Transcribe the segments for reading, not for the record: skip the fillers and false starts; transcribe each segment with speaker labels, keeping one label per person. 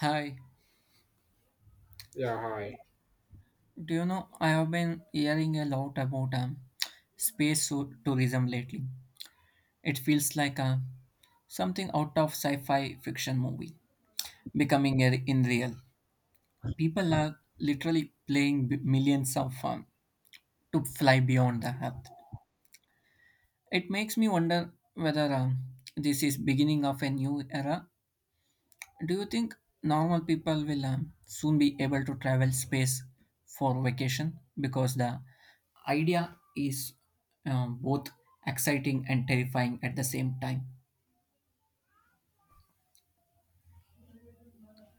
Speaker 1: Hi,
Speaker 2: Yeah, hi.
Speaker 1: do you know I have been hearing a lot about space tourism lately. It feels like something out of sci-fi fiction movie becoming a, in real. People are literally playing millions of to fly beyond the Earth. It makes me wonder whether this is beginning of a new era. Do you think normal people will soon be able to travel space for vacation? Because the idea is both exciting and terrifying at the same time.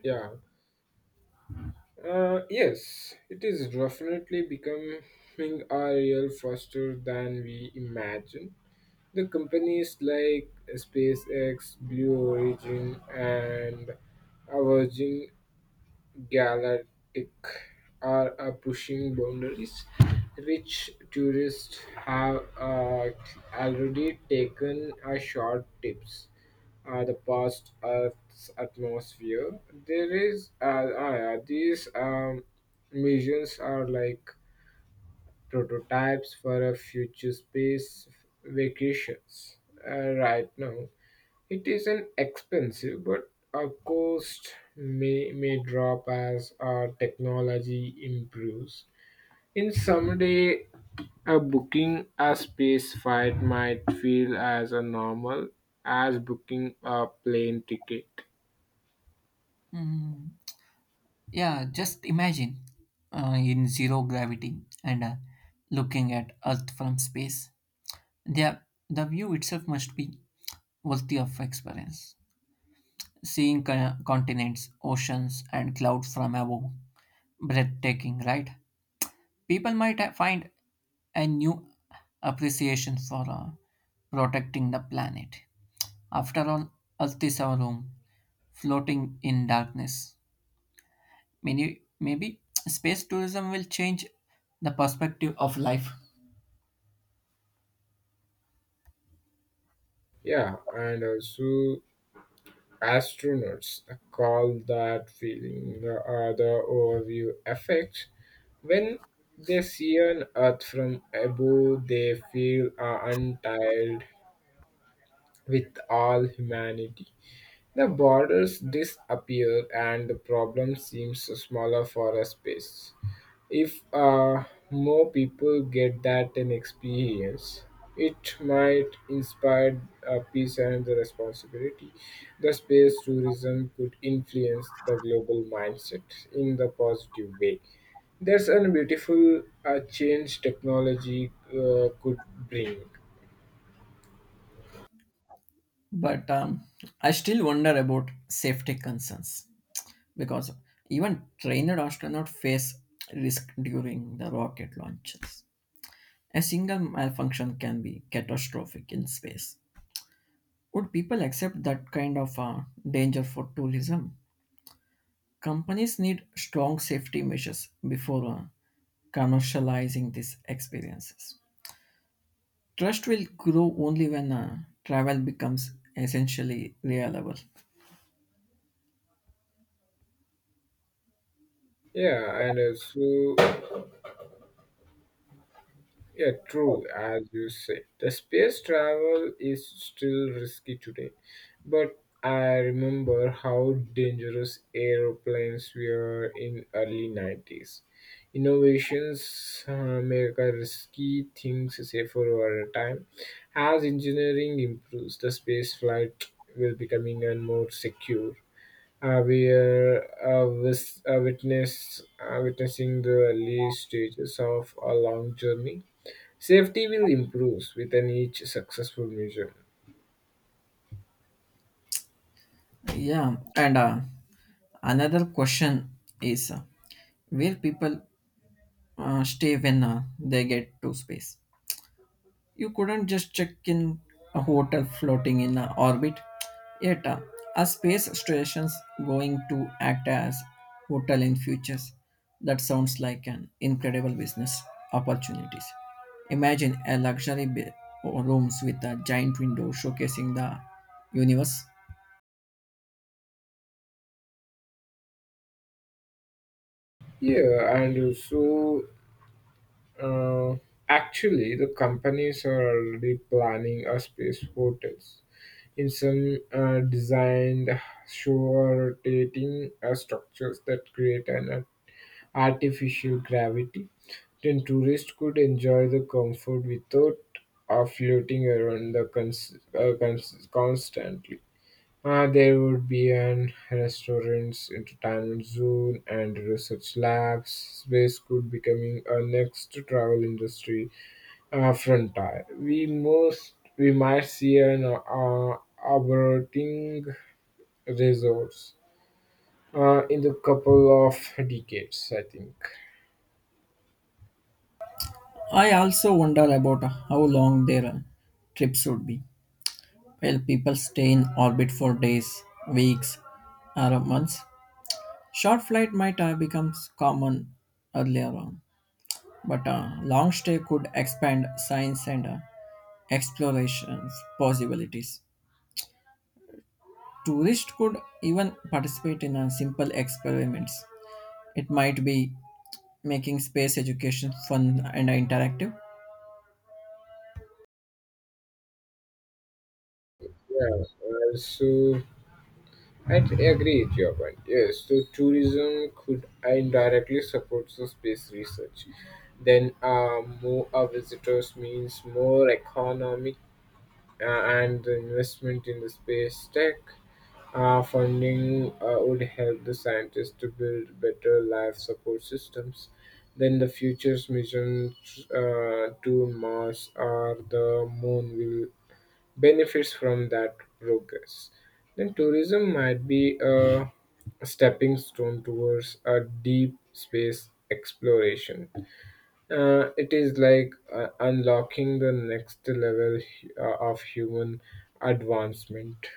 Speaker 2: Yeah. Yes, it is definitely becoming a real faster than we imagine. The companies like SpaceX, Blue Origin, and Virgin Galactic are pushing boundaries, which tourists have already taken a short tips the past Earth's atmosphere. There is these missions are like prototypes for a future space vacations. Right now, it is an expensive, but a cost may drop as our technology improves. In someday, a booking a space flight might feel as a normal as booking a plane ticket.
Speaker 1: Mm, yeah, just imagine in zero gravity and looking at Earth from space. The, the view itself must be worthy of experience. Seeing continents, oceans, and clouds from above, breathtaking, right? People might find a new appreciation for protecting the planet. After all, Earth is our home, floating in darkness. Many, maybe space tourism will change the perspective of life.
Speaker 2: Yeah, and also astronauts call that feeling the other overview effect. When they see an Earth from above, they feel untied with all humanity. The borders disappear and the problem seems smaller for a space. If more people get that an experience, it might inspire peace and the responsibility. The space tourism could influence the global mindset in the positive way. There's a beautiful change technology could bring.
Speaker 1: But I still wonder about safety concerns because even trained astronauts face risk during the rocket launches. A single malfunction can be catastrophic in space. Would people accept that kind of danger for tourism? Companies need strong safety measures before commercializing these experiences. Trust will grow only when travel becomes essentially reliable.
Speaker 2: Yeah, and also Yeah, true, as you say. The space travel is still risky today, but I remember how dangerous aeroplanes were in early 90s. Innovations make our risky things safer over time. As engineering improves, the space flight will becoming and more secure. We are witnessing the early stages of a long journey. Safety will improve within each successful measure.
Speaker 1: Yeah, and another question is where people stay when they get to space. You couldn't just check in a hotel floating in a orbit. Yet, are space stations going to act as hotel in futures? That sounds like an incredible business opportunities. Imagine a luxury or rooms with a giant window showcasing the universe.
Speaker 2: Yeah, and so uh, actually, the companies are already planning a space hotels in some designed sure dating structures that create an artificial gravity. Then tourists could enjoy the comfort without floating around the constantly. There would be an restaurants, entertainment zone, and research labs. Space could becoming a next travel industry frontier. We might see an operating resource in the couple of decades, I think.
Speaker 1: I also wonder about how long their trips would be. Well, people stay in orbit for days, weeks, or months. Short flight might become common earlier on, but a long stay could expand science and explorations possibilities. Tourists could even participate in simple experiments. It might be making space education fun and interactive.
Speaker 2: Yeah. So I totally agree with your point. Yes, so tourism could indirectly support the space research. Then, more our visitors means more economic and the investment in the space tech. Funding would help the scientists to build better life support systems. Then the future's mission to Mars or the Moon will benefits from that progress, then tourism might be a stepping stone towards a deep space exploration. It is like unlocking the next level of human advancement.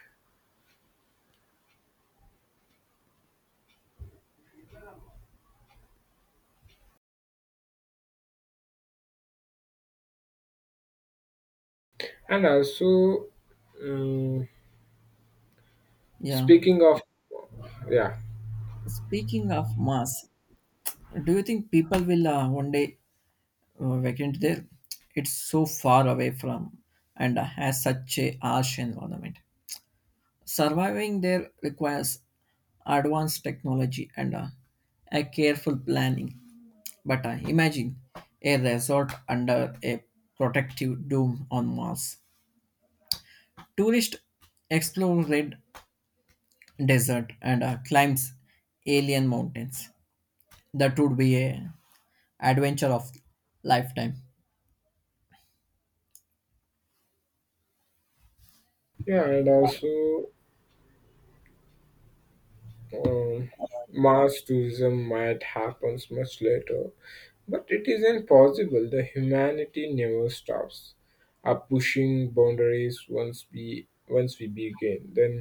Speaker 2: And also, um,
Speaker 1: Yeah.
Speaker 2: speaking of, yeah,
Speaker 1: Speaking of Mars, do you think people will one day vacant there? It's so far away from and has such a harsh environment. Surviving there requires advanced technology and a careful planning. But imagine a resort under a protective dome on Mars. Tourists explore red desert and climbs alien mountains. That would be a adventure of lifetime.
Speaker 2: yeah, and also um, Mars tourism might happens much later. But it isn't possible. The humanity never stops. Our pushing boundaries once we begin, then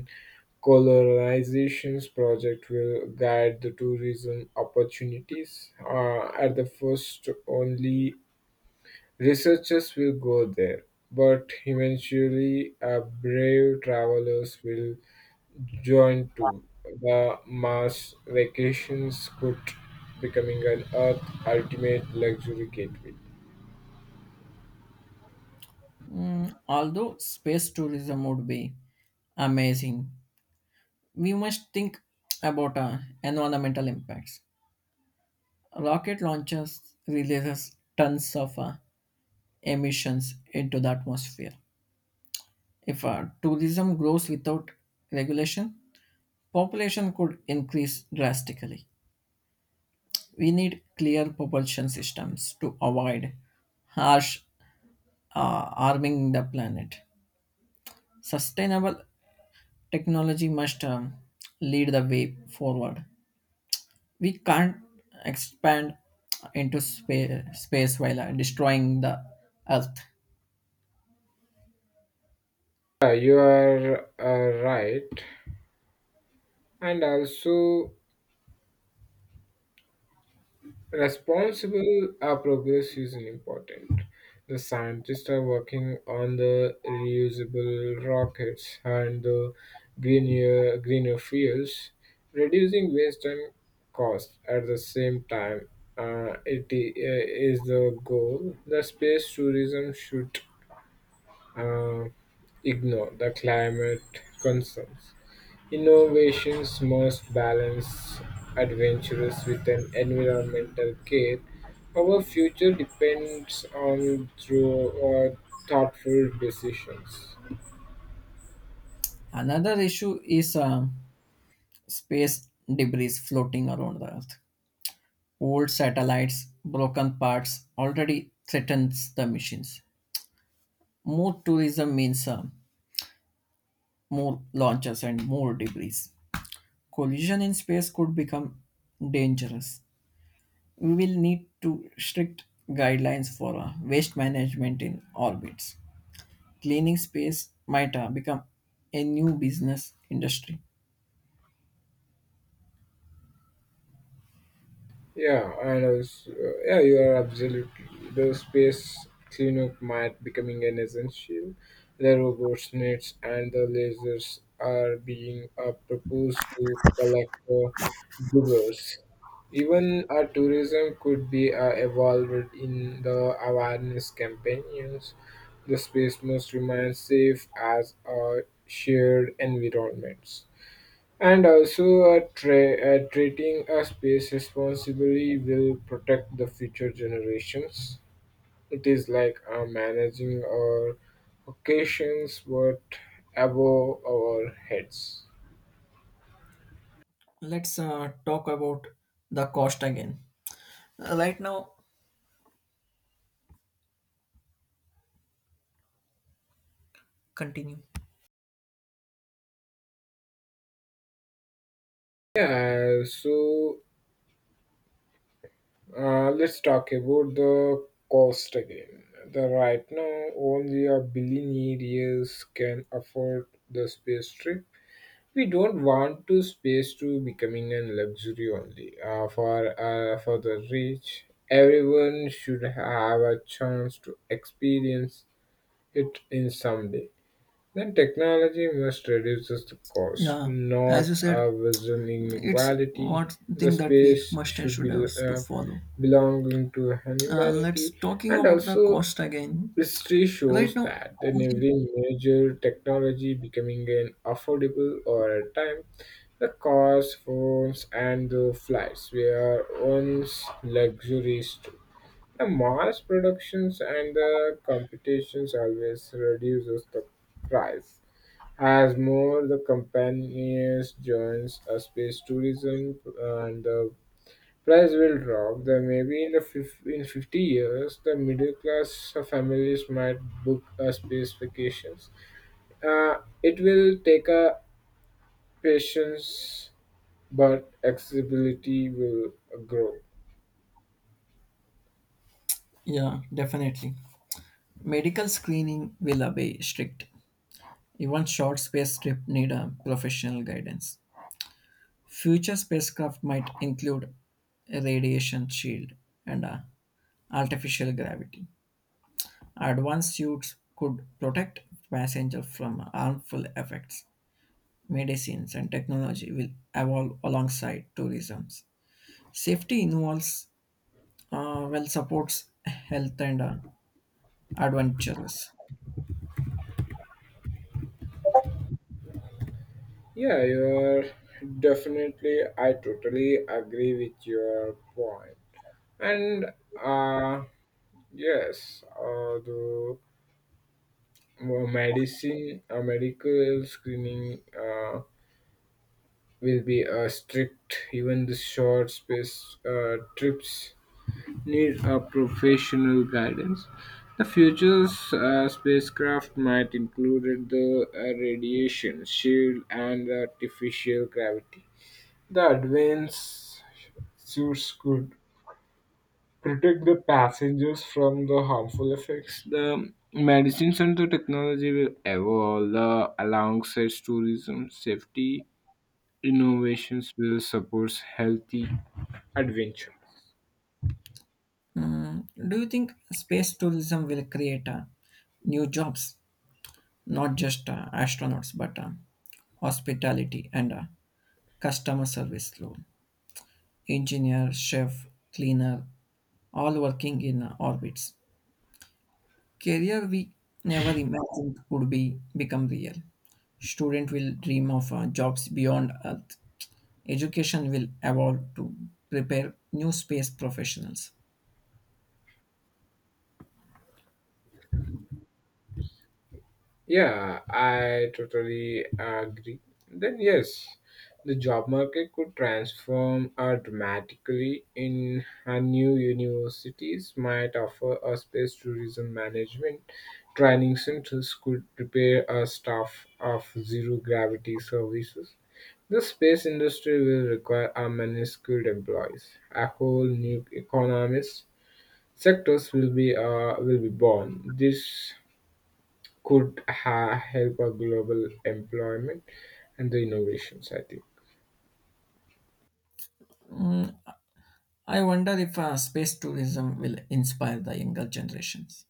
Speaker 2: colonization's project will guide the tourism opportunities. At the first, only researchers will go there, but eventually, brave travelers will join too. The mass vacations could becoming an Earth ultimate luxury gateway.
Speaker 1: Mm, although space tourism would be amazing, we must think about environmental impacts. Rocket launches releases tons of emissions into the atmosphere. If tourism grows without regulation, population could increase drastically. We need clear propulsion systems to avoid harsh harming the planet. Sustainable technology must lead the way forward. We can't expand into space while destroying the earth.
Speaker 2: Yeah, you are right. And also, responsible progress is important. The scientists are working on the reusable rockets and the greener fuels, reducing waste and cost at the same time. It is the goal. The space tourism should uh, ignore the climate concerns. Innovations must balance adventures with an environmental care. Our future depends on through uh, thoughtful decisions.
Speaker 1: Another issue is space debris floating around the Earth. Old satellites, broken parts already threatens the missions. More tourism means more launches and more debris. Collision in space could become dangerous. We will need to strict guidelines for waste management in orbits. Cleaning space might become a new business industry.
Speaker 2: Yeah, you are absolutely. The space cleanup might becoming an essential. The robots nets and the lasers are being proposed to collect the divers. Even our tourism could be evolved in the awareness campaigns. The space must remain safe as a shared environment. And also, treating a space responsibly will protect the future generations. It is like managing our occasions, but above our heads.
Speaker 1: Let's talk about the cost again. Right now, continue.
Speaker 2: Yeah, let's talk about the cost again. The right now, only a billionaires can afford the space trip. We don't want to space to becoming a luxury only for the rich. Everyone should have a chance to experience it in some day. Then technology must reduce the cost,
Speaker 1: Yeah, as
Speaker 2: not
Speaker 1: you said,
Speaker 2: a vision
Speaker 1: it's
Speaker 2: inequality.
Speaker 1: one
Speaker 2: The
Speaker 1: thing that we
Speaker 2: space
Speaker 1: must and
Speaker 2: should
Speaker 1: should
Speaker 2: be
Speaker 1: have to
Speaker 2: uh,
Speaker 1: follow.
Speaker 2: belonging to
Speaker 1: Let's
Speaker 2: humanity,
Speaker 1: talking
Speaker 2: and
Speaker 1: about the
Speaker 2: also
Speaker 1: cost again.
Speaker 2: history
Speaker 1: Right
Speaker 2: shows
Speaker 1: now,
Speaker 2: that in every major technology becoming an affordable over time, the cars, phones, and the flights were once luxuries too. The mass productions and the competitions always reduces the price. As more the companies joins a space tourism and the price will drop, then maybe in the fif- in 50 years the middle class families might book a space vacations. It will take a patience but accessibility will grow.
Speaker 1: yeah, definitely. Medical screening will obey strict. Even short space trip need a professional guidance. Future spacecraft might include a radiation shield and a artificial gravity. Advanced suits could protect passenger from harmful effects medicines, and technology will evolve alongside tourism. Safety involves, well, supports health and adventures.
Speaker 2: Yeah, I totally agree with your point. And uh, yes, uh, the medical screening will be strict, even the short space trips need a professional guidance. The future's spacecraft might include the radiation shield and artificial gravity. The advanced suits could protect the passengers from the harmful effects. The medicines and the technology will evolve the, alongside tourism, safety, innovations will support healthy adventure.
Speaker 1: Mm, do you think space tourism will create new jobs, not just astronauts, but hospitality and customer service role, engineer, chef, cleaner, all working in orbits? Career we never imagined could be become real. Student will dream of jobs beyond Earth. Education will evolve to prepare new space professionals.
Speaker 2: Yeah, I totally agree. Then, yes, the job market could transform dramatically in new universities might offer a space tourism management. Training centers could prepare a staff of zero gravity services. The space industry will require a many skilled employees. A whole new economist sectors will be born. This could help our global employment and the innovations, I think.
Speaker 1: I wonder if space tourism will inspire the younger generations.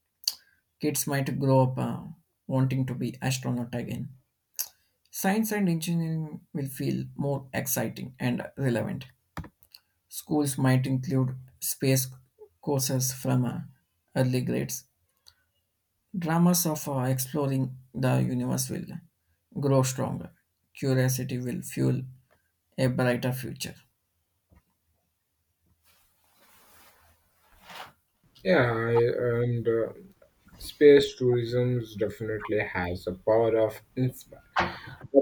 Speaker 1: Kids might grow up wanting to be astronaut again. Science and engineering will feel more exciting and relevant. Schools might include space courses from early grades. Dramas of exploring the universe will grow stronger. Curiosity will fuel a brighter future.
Speaker 2: Yeah I- and uh, space tourism definitely has the power of inspire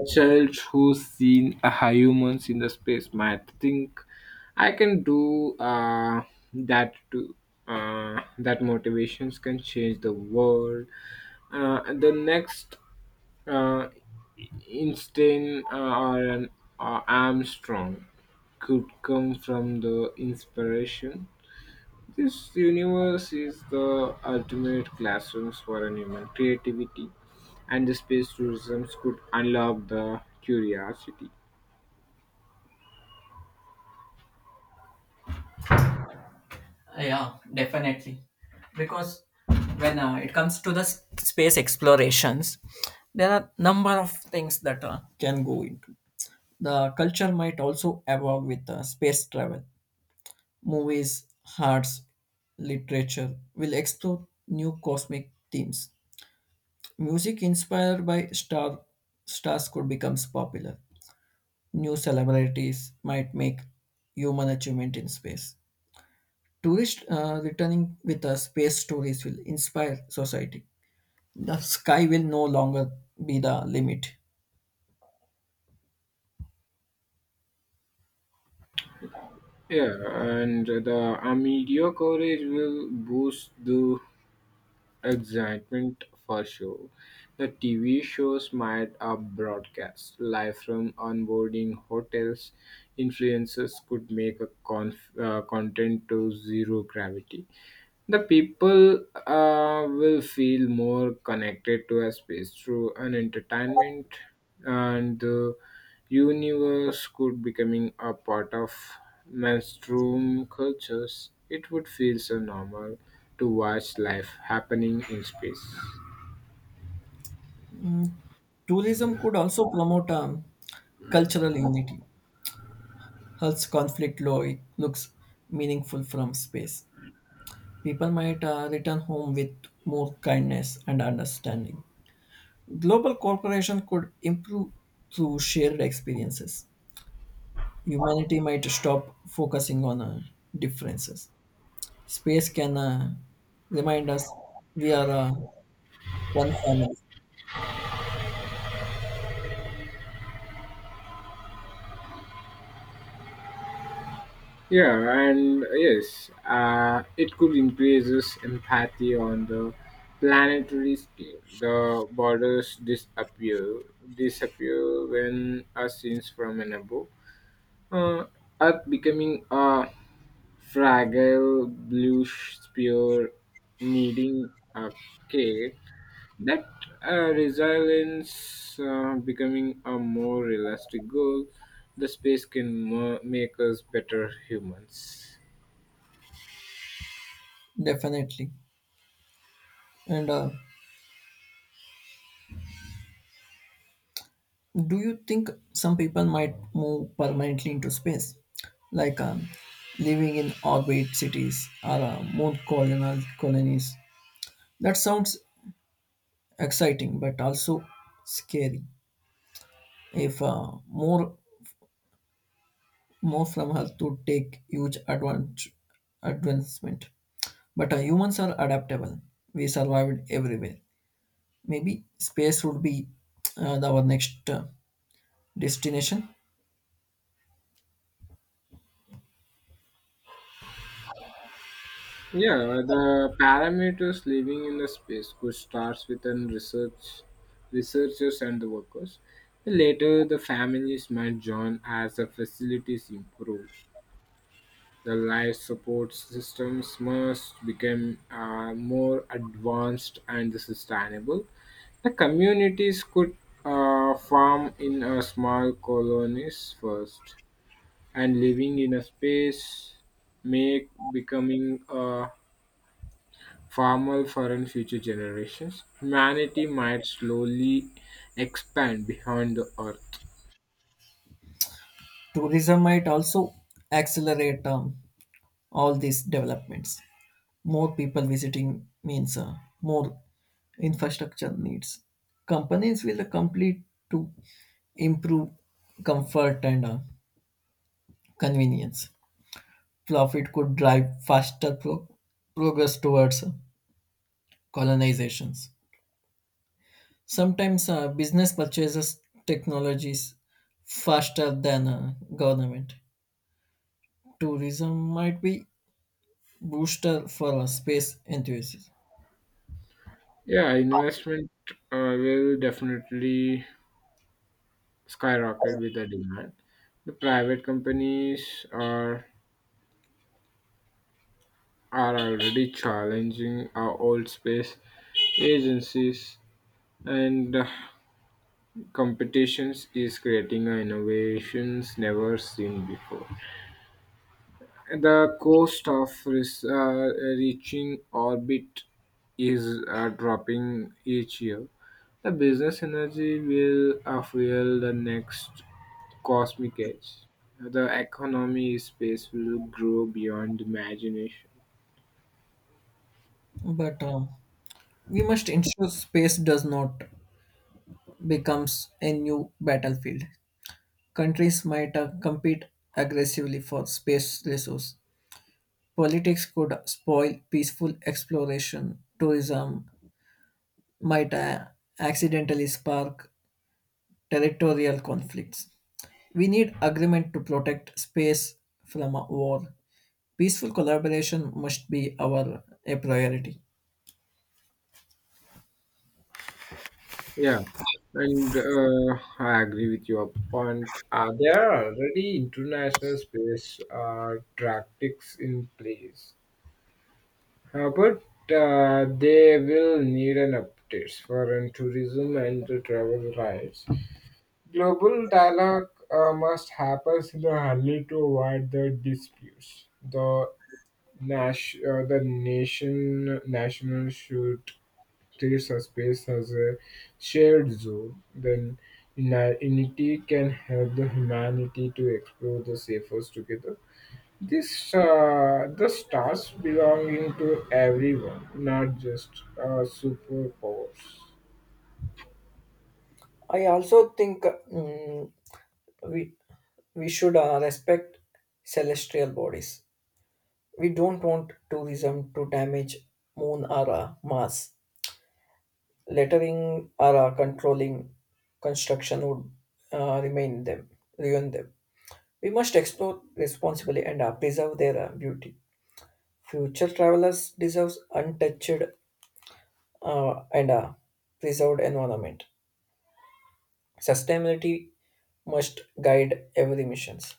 Speaker 2: a child who's seen a high humans in the space might think I can do that too. That motivations can change the world. Uh, the next Uh, Einstein or Armstrong could come from the inspiration. This universe is the ultimate classrooms for an human creativity, and the space tourism could unlock the curiosity.
Speaker 1: Yeah, definitely. Because when it comes to the space explorations, there are number of things that can go into. The culture might also evolve with space travel. Movies, arts, literature will explore new cosmic themes. Music inspired by star stars could become popular. New celebrities might make human achievement in space. Tourists returning with space stories will inspire society. The sky will no longer be the limit.
Speaker 2: Yeah, and the media coverage will boost the excitement for sure. The TV shows might are broadcast live from onboarding hotels. Influencers could make a content to zero gravity. The people will feel more connected to a space through an entertainment, and the universe could becoming a part of mainstream cultures. It would feel so normal to watch life happening in space.
Speaker 1: Tourism could also promote cultural unity. Earth's conflict law it looks meaningful from space. People might return home with more kindness and understanding. Global cooperation could improve through shared experiences. Humanity might stop focusing on differences. Space can remind us we are one family,
Speaker 2: Yeah, and yes, it could increases empathy on the planetary scale. The borders disappear when are seen from an above. Uh, Earth becoming a fragile blue spear needing a cake that resilience becoming a more realistic goal. The space can make us better humans.
Speaker 1: definitely. And do you think some people might move permanently into space, like living in orbit cities or moon colonial colonies? That sounds exciting, but also scary. If more from Earth to take huge advance advancement. But humans are adaptable. We survived everywhere. Maybe space would be our next destination.
Speaker 2: Yeah, the parameters living in the space could start with an research researchers and the workers. Later the families might join as the facilities improve. The life support systems must become more advanced and sustainable. The communities could farm in a small colonies first, and living in a space make becoming a farmer for in future generations. Humanity might slowly expand beyond the earth.
Speaker 1: Tourism might also accelerate all these developments. More people visiting means more infrastructure needs. Companies will complete to improve comfort and convenience. Profit could drive faster progress towards colonizations. Sometimes business purchases technologies faster than government. Tourism might be booster for space enthusiasts,
Speaker 2: Yeah, investment will definitely skyrocket with the demand. The private companies are already challenging our old space agencies and competitions is creating innovations never seen before. The cost of reaching orbit is dropping each year. The business energy will fuel the next cosmic age. The economy in space will grow beyond imagination.
Speaker 1: but we must ensure space does not becomes a new battlefield. Countries might compete aggressively for space resource. Politics could spoil peaceful exploration. Tourism might accidentally spark territorial conflicts. We need agreement to protect space from war. Peaceful collaboration must be our a priority.
Speaker 2: Yeah, and I agree with your point. There are already international space tactics in place. But they will need an update for an tourism and the travel rights. Global dialogue must happen in the Hali to avoid the disputes. The national should treat a space as a shared zone. Then unity can help the humanity to explore the safest together. This the stars belonging to everyone, not just superpowers.
Speaker 1: I also think mm, we we should respect celestial bodies. We don't want tourism to damage moon or Mars. Lettering or controlling construction would remain them ruin them. We must explore responsibly and preserve their beauty. Future travelers deserve untouched and a preserved environment. Sustainability must guide every missions.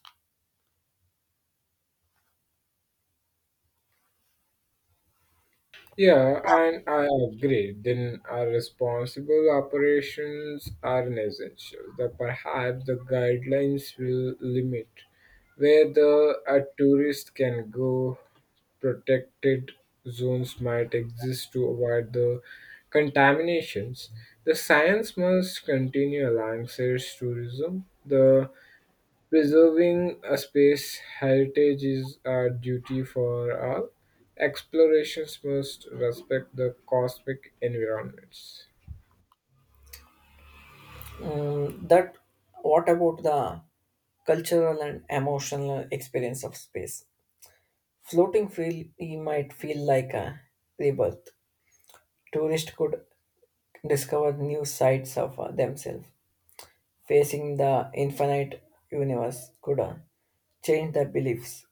Speaker 2: Yeah, and I agree. Then our responsible operations are an essential. That perhaps the guidelines will limit where the a tourist can go. Protected zones might exist to avoid the contaminations. The science must continue alongside tourism. The preserving a space heritage is our duty for all. Explorations must respect the cosmic environments.
Speaker 1: Mm, that what about the cultural and emotional experience of space? Floating freely might feel like a rebirth. Tourists could discover new sides of themselves. Facing the infinite universe could change their beliefs.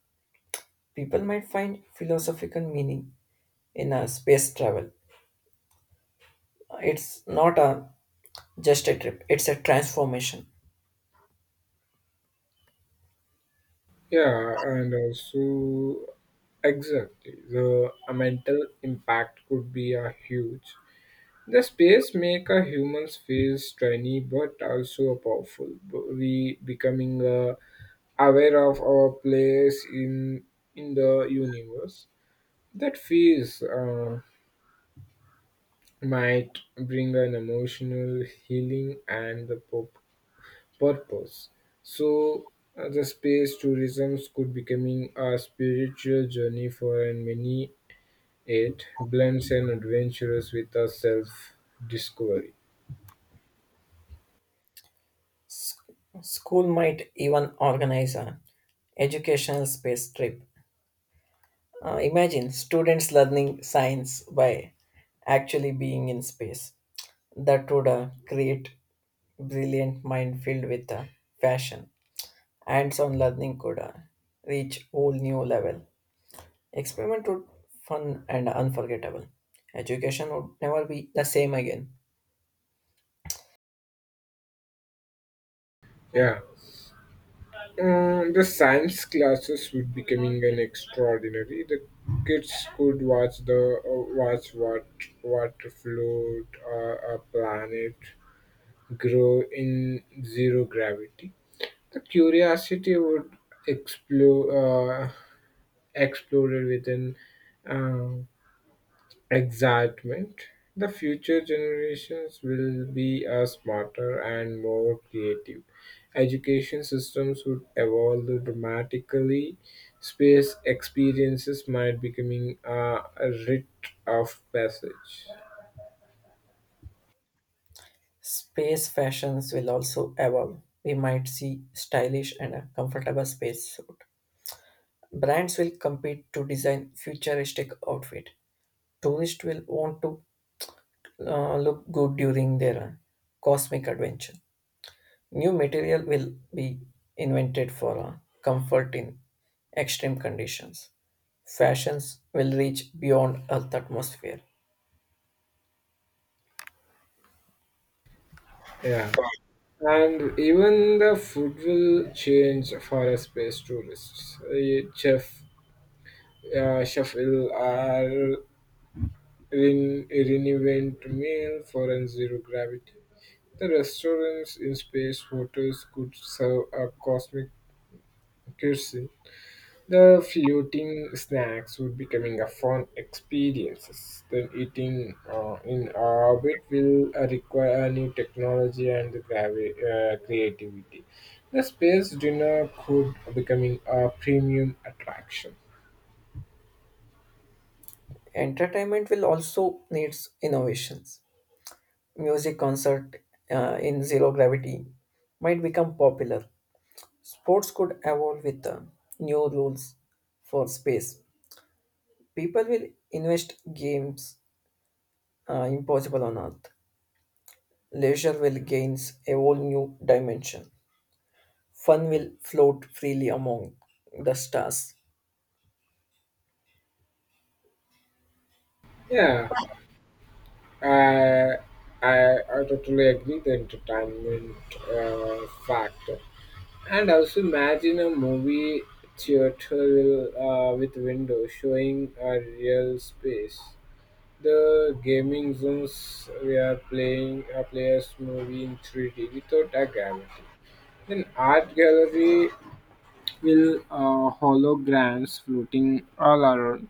Speaker 1: People might find philosophical meaning in a space travel. It's not a just a trip, it's a transformation.
Speaker 2: Yeah, and also exactly the mental impact could be a huge. The space make a humans feel tiny but also a powerful. We becoming aware of our place in the universe. That feels. Might bring an emotional healing and the purpose. So, the space tourism could becoming a spiritual journey for and many. It blends an adventurous with a self discovery.
Speaker 1: School might even organize a educational space trip. Imagine students learning science by actually being in space. That would create brilliant mind filled with fashion. Hands-on learning could reach whole new level. Experiment would fun and unforgettable. Education would never be the same again.
Speaker 2: Yeah. The science classes would becoming an extraordinary. The kids could watch the watch what float a planet grow in zero gravity. The curiosity would explore, uh, exploded within um, excitement. The future generations will be smarter and more creative. Education systems would evolve dramatically. Space experiences might becoming a rite of passage.
Speaker 1: Space fashions will also evolve. We might see stylish and a comfortable space suit. Brands will compete to design futuristic outfit. Tourists will want to look good during their cosmic adventure. New material will be invented for comfort in extreme conditions. Fashions will reach beyond Earth atmosphere.
Speaker 2: Yeah. And even the food will change for a space tourists. A chef will are in reinvent meal for an zero gravity. The restaurants in space hotels could serve a cosmic cuisine. The floating snacks would becoming a fun experiences. Then eating in orbit will require new technology and creativity. The space dinner could becoming a premium attraction.
Speaker 1: Entertainment will also needs innovations music concert in zero gravity might become popular. Sports could evolve with new rules for space. People will invest games impossible on Earth. Leisure will gain a whole new dimension. Fun will float freely among the stars.
Speaker 2: Yeah, I I, I totally agree the entertainment factor. And also imagine a movie theater with windows showing a real space. The gaming zooms we are playing a player's movie in 3D without a gravity. Then art gallery will holograms floating all around.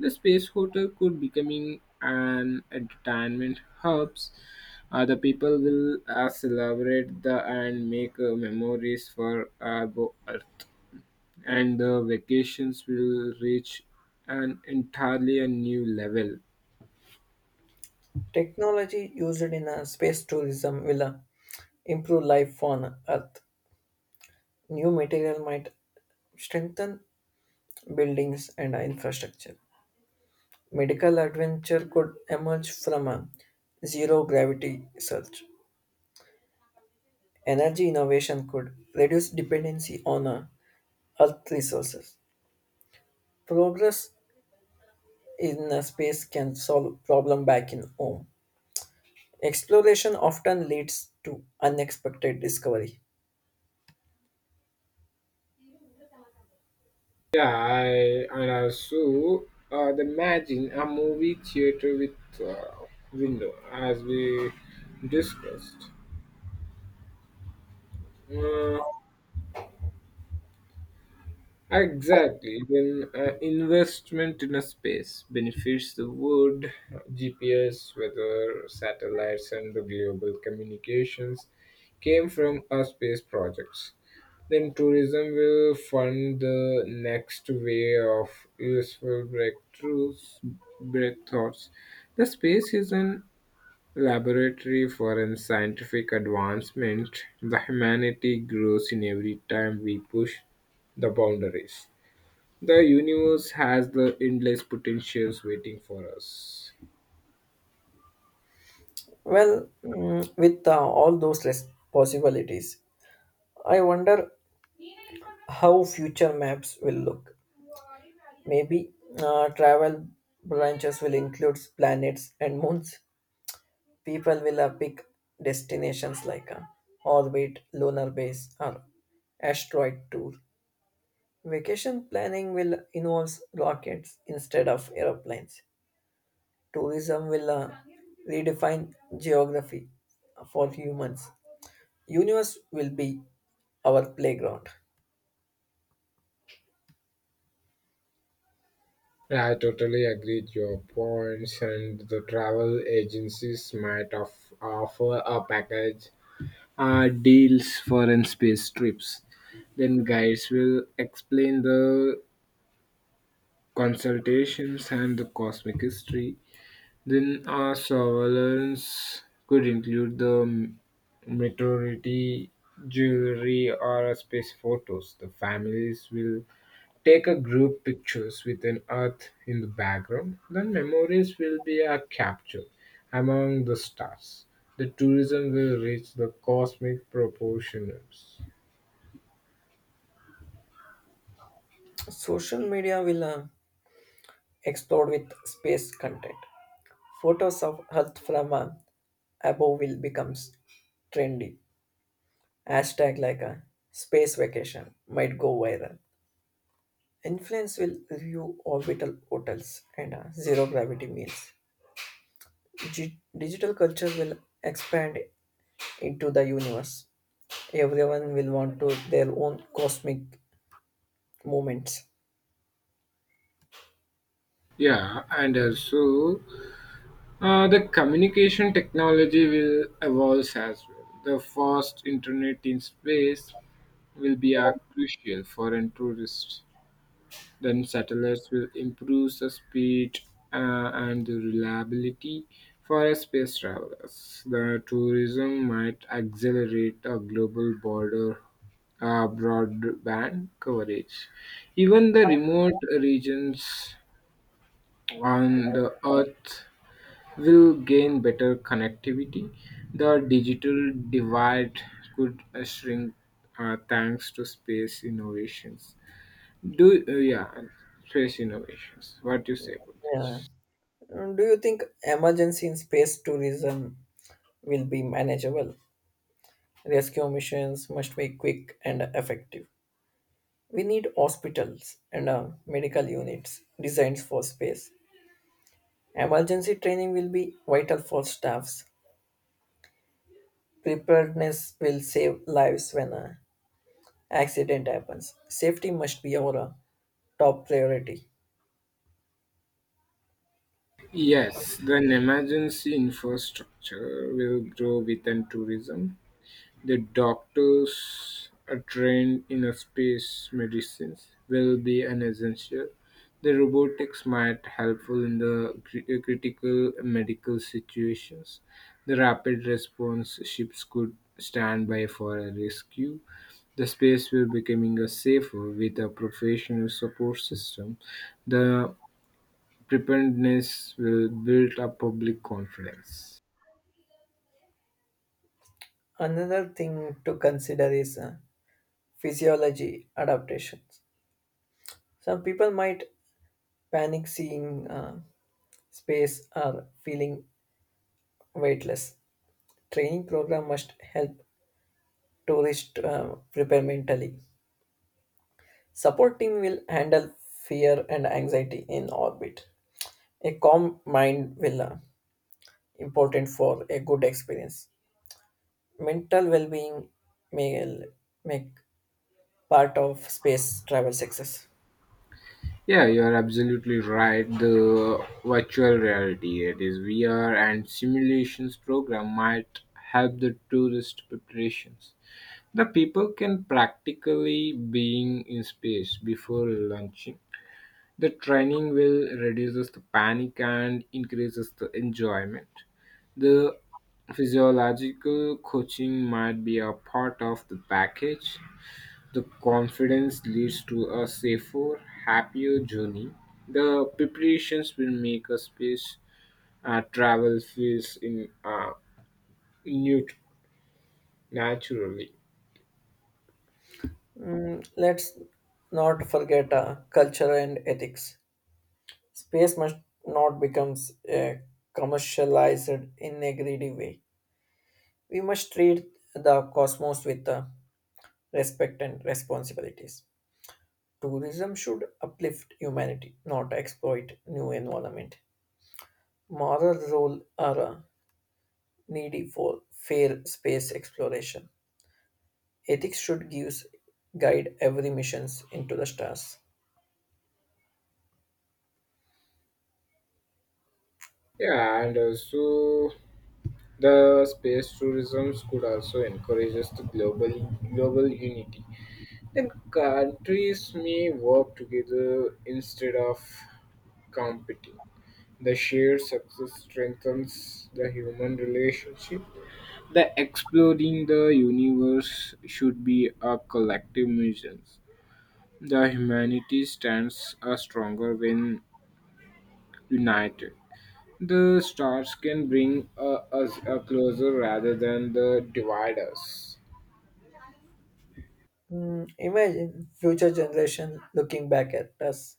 Speaker 2: The space hotel could becoming an entertainment hubs. The people will celebrate the and make memories for Earth, and the vacations will reach an entirely a new level.
Speaker 1: Technology used in space tourism will improve life on Earth. New material might strengthen buildings and infrastructure. Medical adventure could emerge from a zero gravity search. Energy innovation could reduce dependency on Earth resources. Progress in space can solve problem back in home. Exploration often leads to unexpected discovery.
Speaker 2: Yeah, I and also the imagine a movie theater with uh, window as we discussed. Uh, Exactly. Then investment in a space benefits the world, GPS, weather, satellites, and the global communications came from our space projects. Then tourism will fund the next wave of useful breakthroughs. The space is an laboratory for an scientific advancement. The humanity grows in every time we push the boundaries. The universe has the endless potentials waiting for us.
Speaker 1: Well, mm, with all those possibilities, I wonder how future maps will look. Maybe travel branches will include planets and moons. People will pick destinations like a orbit, lunar base, or asteroid tour. Vacation planning will involve rockets instead of aeroplanes. Tourism will redefine geography for humans. Universe will be our playground.
Speaker 2: Yeah, I totally agree with your points, and the travel agencies might offer a package. Deals for and space trips. Then guides will explain the consultations and the cosmic history. Then our surveillance could include the meteority jewelry or space photos. The families will take a group pictures with an earth in the background, then memories will be captured among the stars. The tourism will reach the cosmic proportions.
Speaker 1: Social media will explode with space content. Photos of Earth from above will become trendy. Hashtag like a space vacation might go viral. Influence will review orbital hotels and zero gravity meals. Digital culture will expand into the universe. Everyone will want to their own cosmic moments.
Speaker 2: Yeah, and also the communication technology will evolve as well. The first internet in space will be crucial for a tourist. Then satellites will improve the speed and the reliability for a space travelers. The tourism might accelerate a global border broadband coverage. Even the remote regions on the earth will gain better connectivity. The digital divide could shrink thanks to space innovations. Do Yeah, space innovations. What do you say about
Speaker 1: Yeah.
Speaker 2: this?
Speaker 1: And do you think emergency in space tourism will be manageable? Rescue missions must be quick and effective. We need hospitals and medical units designed for space. Emergency training will be vital for staffs. Preparedness will save lives when an accident happens. Safety must be our top priority.
Speaker 2: Yes, then emergency infrastructure will grow within tourism. The doctors are trained in a space medicines will be an essential. The robotics might helpful in the critical medical situations. The rapid response ships could stand by for a rescue. The space will becoming a safer with a professional support system. The preparedness will build up public confidence.
Speaker 1: Another thing to consider is physiology adaptations. Some people might panic seeing space or feeling weightless. Training program must help tourists prepare mentally. Support team will handle fear and anxiety in orbit. A calm mind will important for a good experience. Mental well-being may make part of space travel success.
Speaker 2: Yeah, you are absolutely right. The virtual reality, it is VR and simulations program might help the tourist preparations. The people can practically being in space before launching. The training will reduces the panic and increases the enjoyment. The physiological coaching might be a part of the package the confidence leads to a safer, happier journey. The preparations will make a space travel feels in nut- naturally.
Speaker 1: Mm, let's not forget culture and ethics. Space must not becomes a commercialized in a greedy way. We must treat the cosmos with respect and responsibilities. Tourism should uplift humanity, not exploit new environment. Moral role are needy for fair space exploration. Ethics should give guide every missions into the stars.
Speaker 2: Yeah, and also the space tourism could also encourage us to global unity. Then countries may work together instead of competing. The shared success strengthens the human relationship. The exploring the Universe should be a collective mission. The humanity stands stronger when united. The stars can bring us closer rather than the divide us.
Speaker 1: Mm, imagine future generation looking back at us.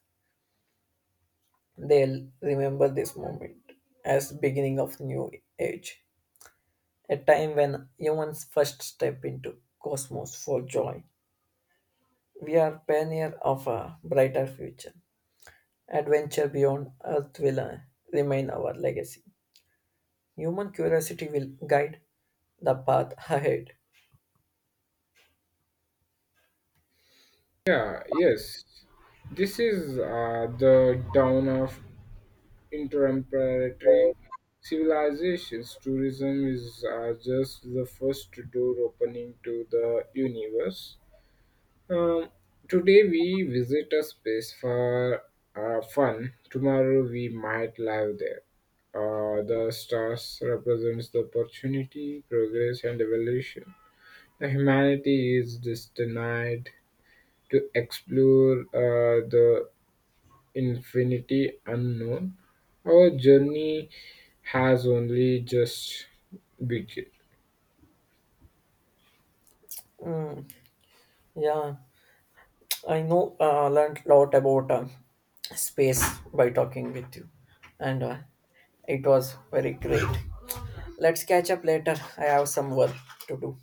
Speaker 1: They'll remember this moment as beginning of new age, a time when humans first step into cosmos for joy. We are pioneer of a brighter future. Adventure beyond Earth will remain our legacy. Human curiosity will guide the path ahead.
Speaker 2: Yeah, yes. This is the dawn of interplanetary civilizations. Tourism is just the first door opening to the universe. Um, Today we visit a space for fun. Tomorrow we might live there. The stars represents the opportunity, progress, and evolution. The humanity is destined to explore the infinity unknown. Our journey has only just begun.
Speaker 1: Yeah, I know. Learned a lot about space by talking with you, and it was very great. Let's catch up later. I have some work to do.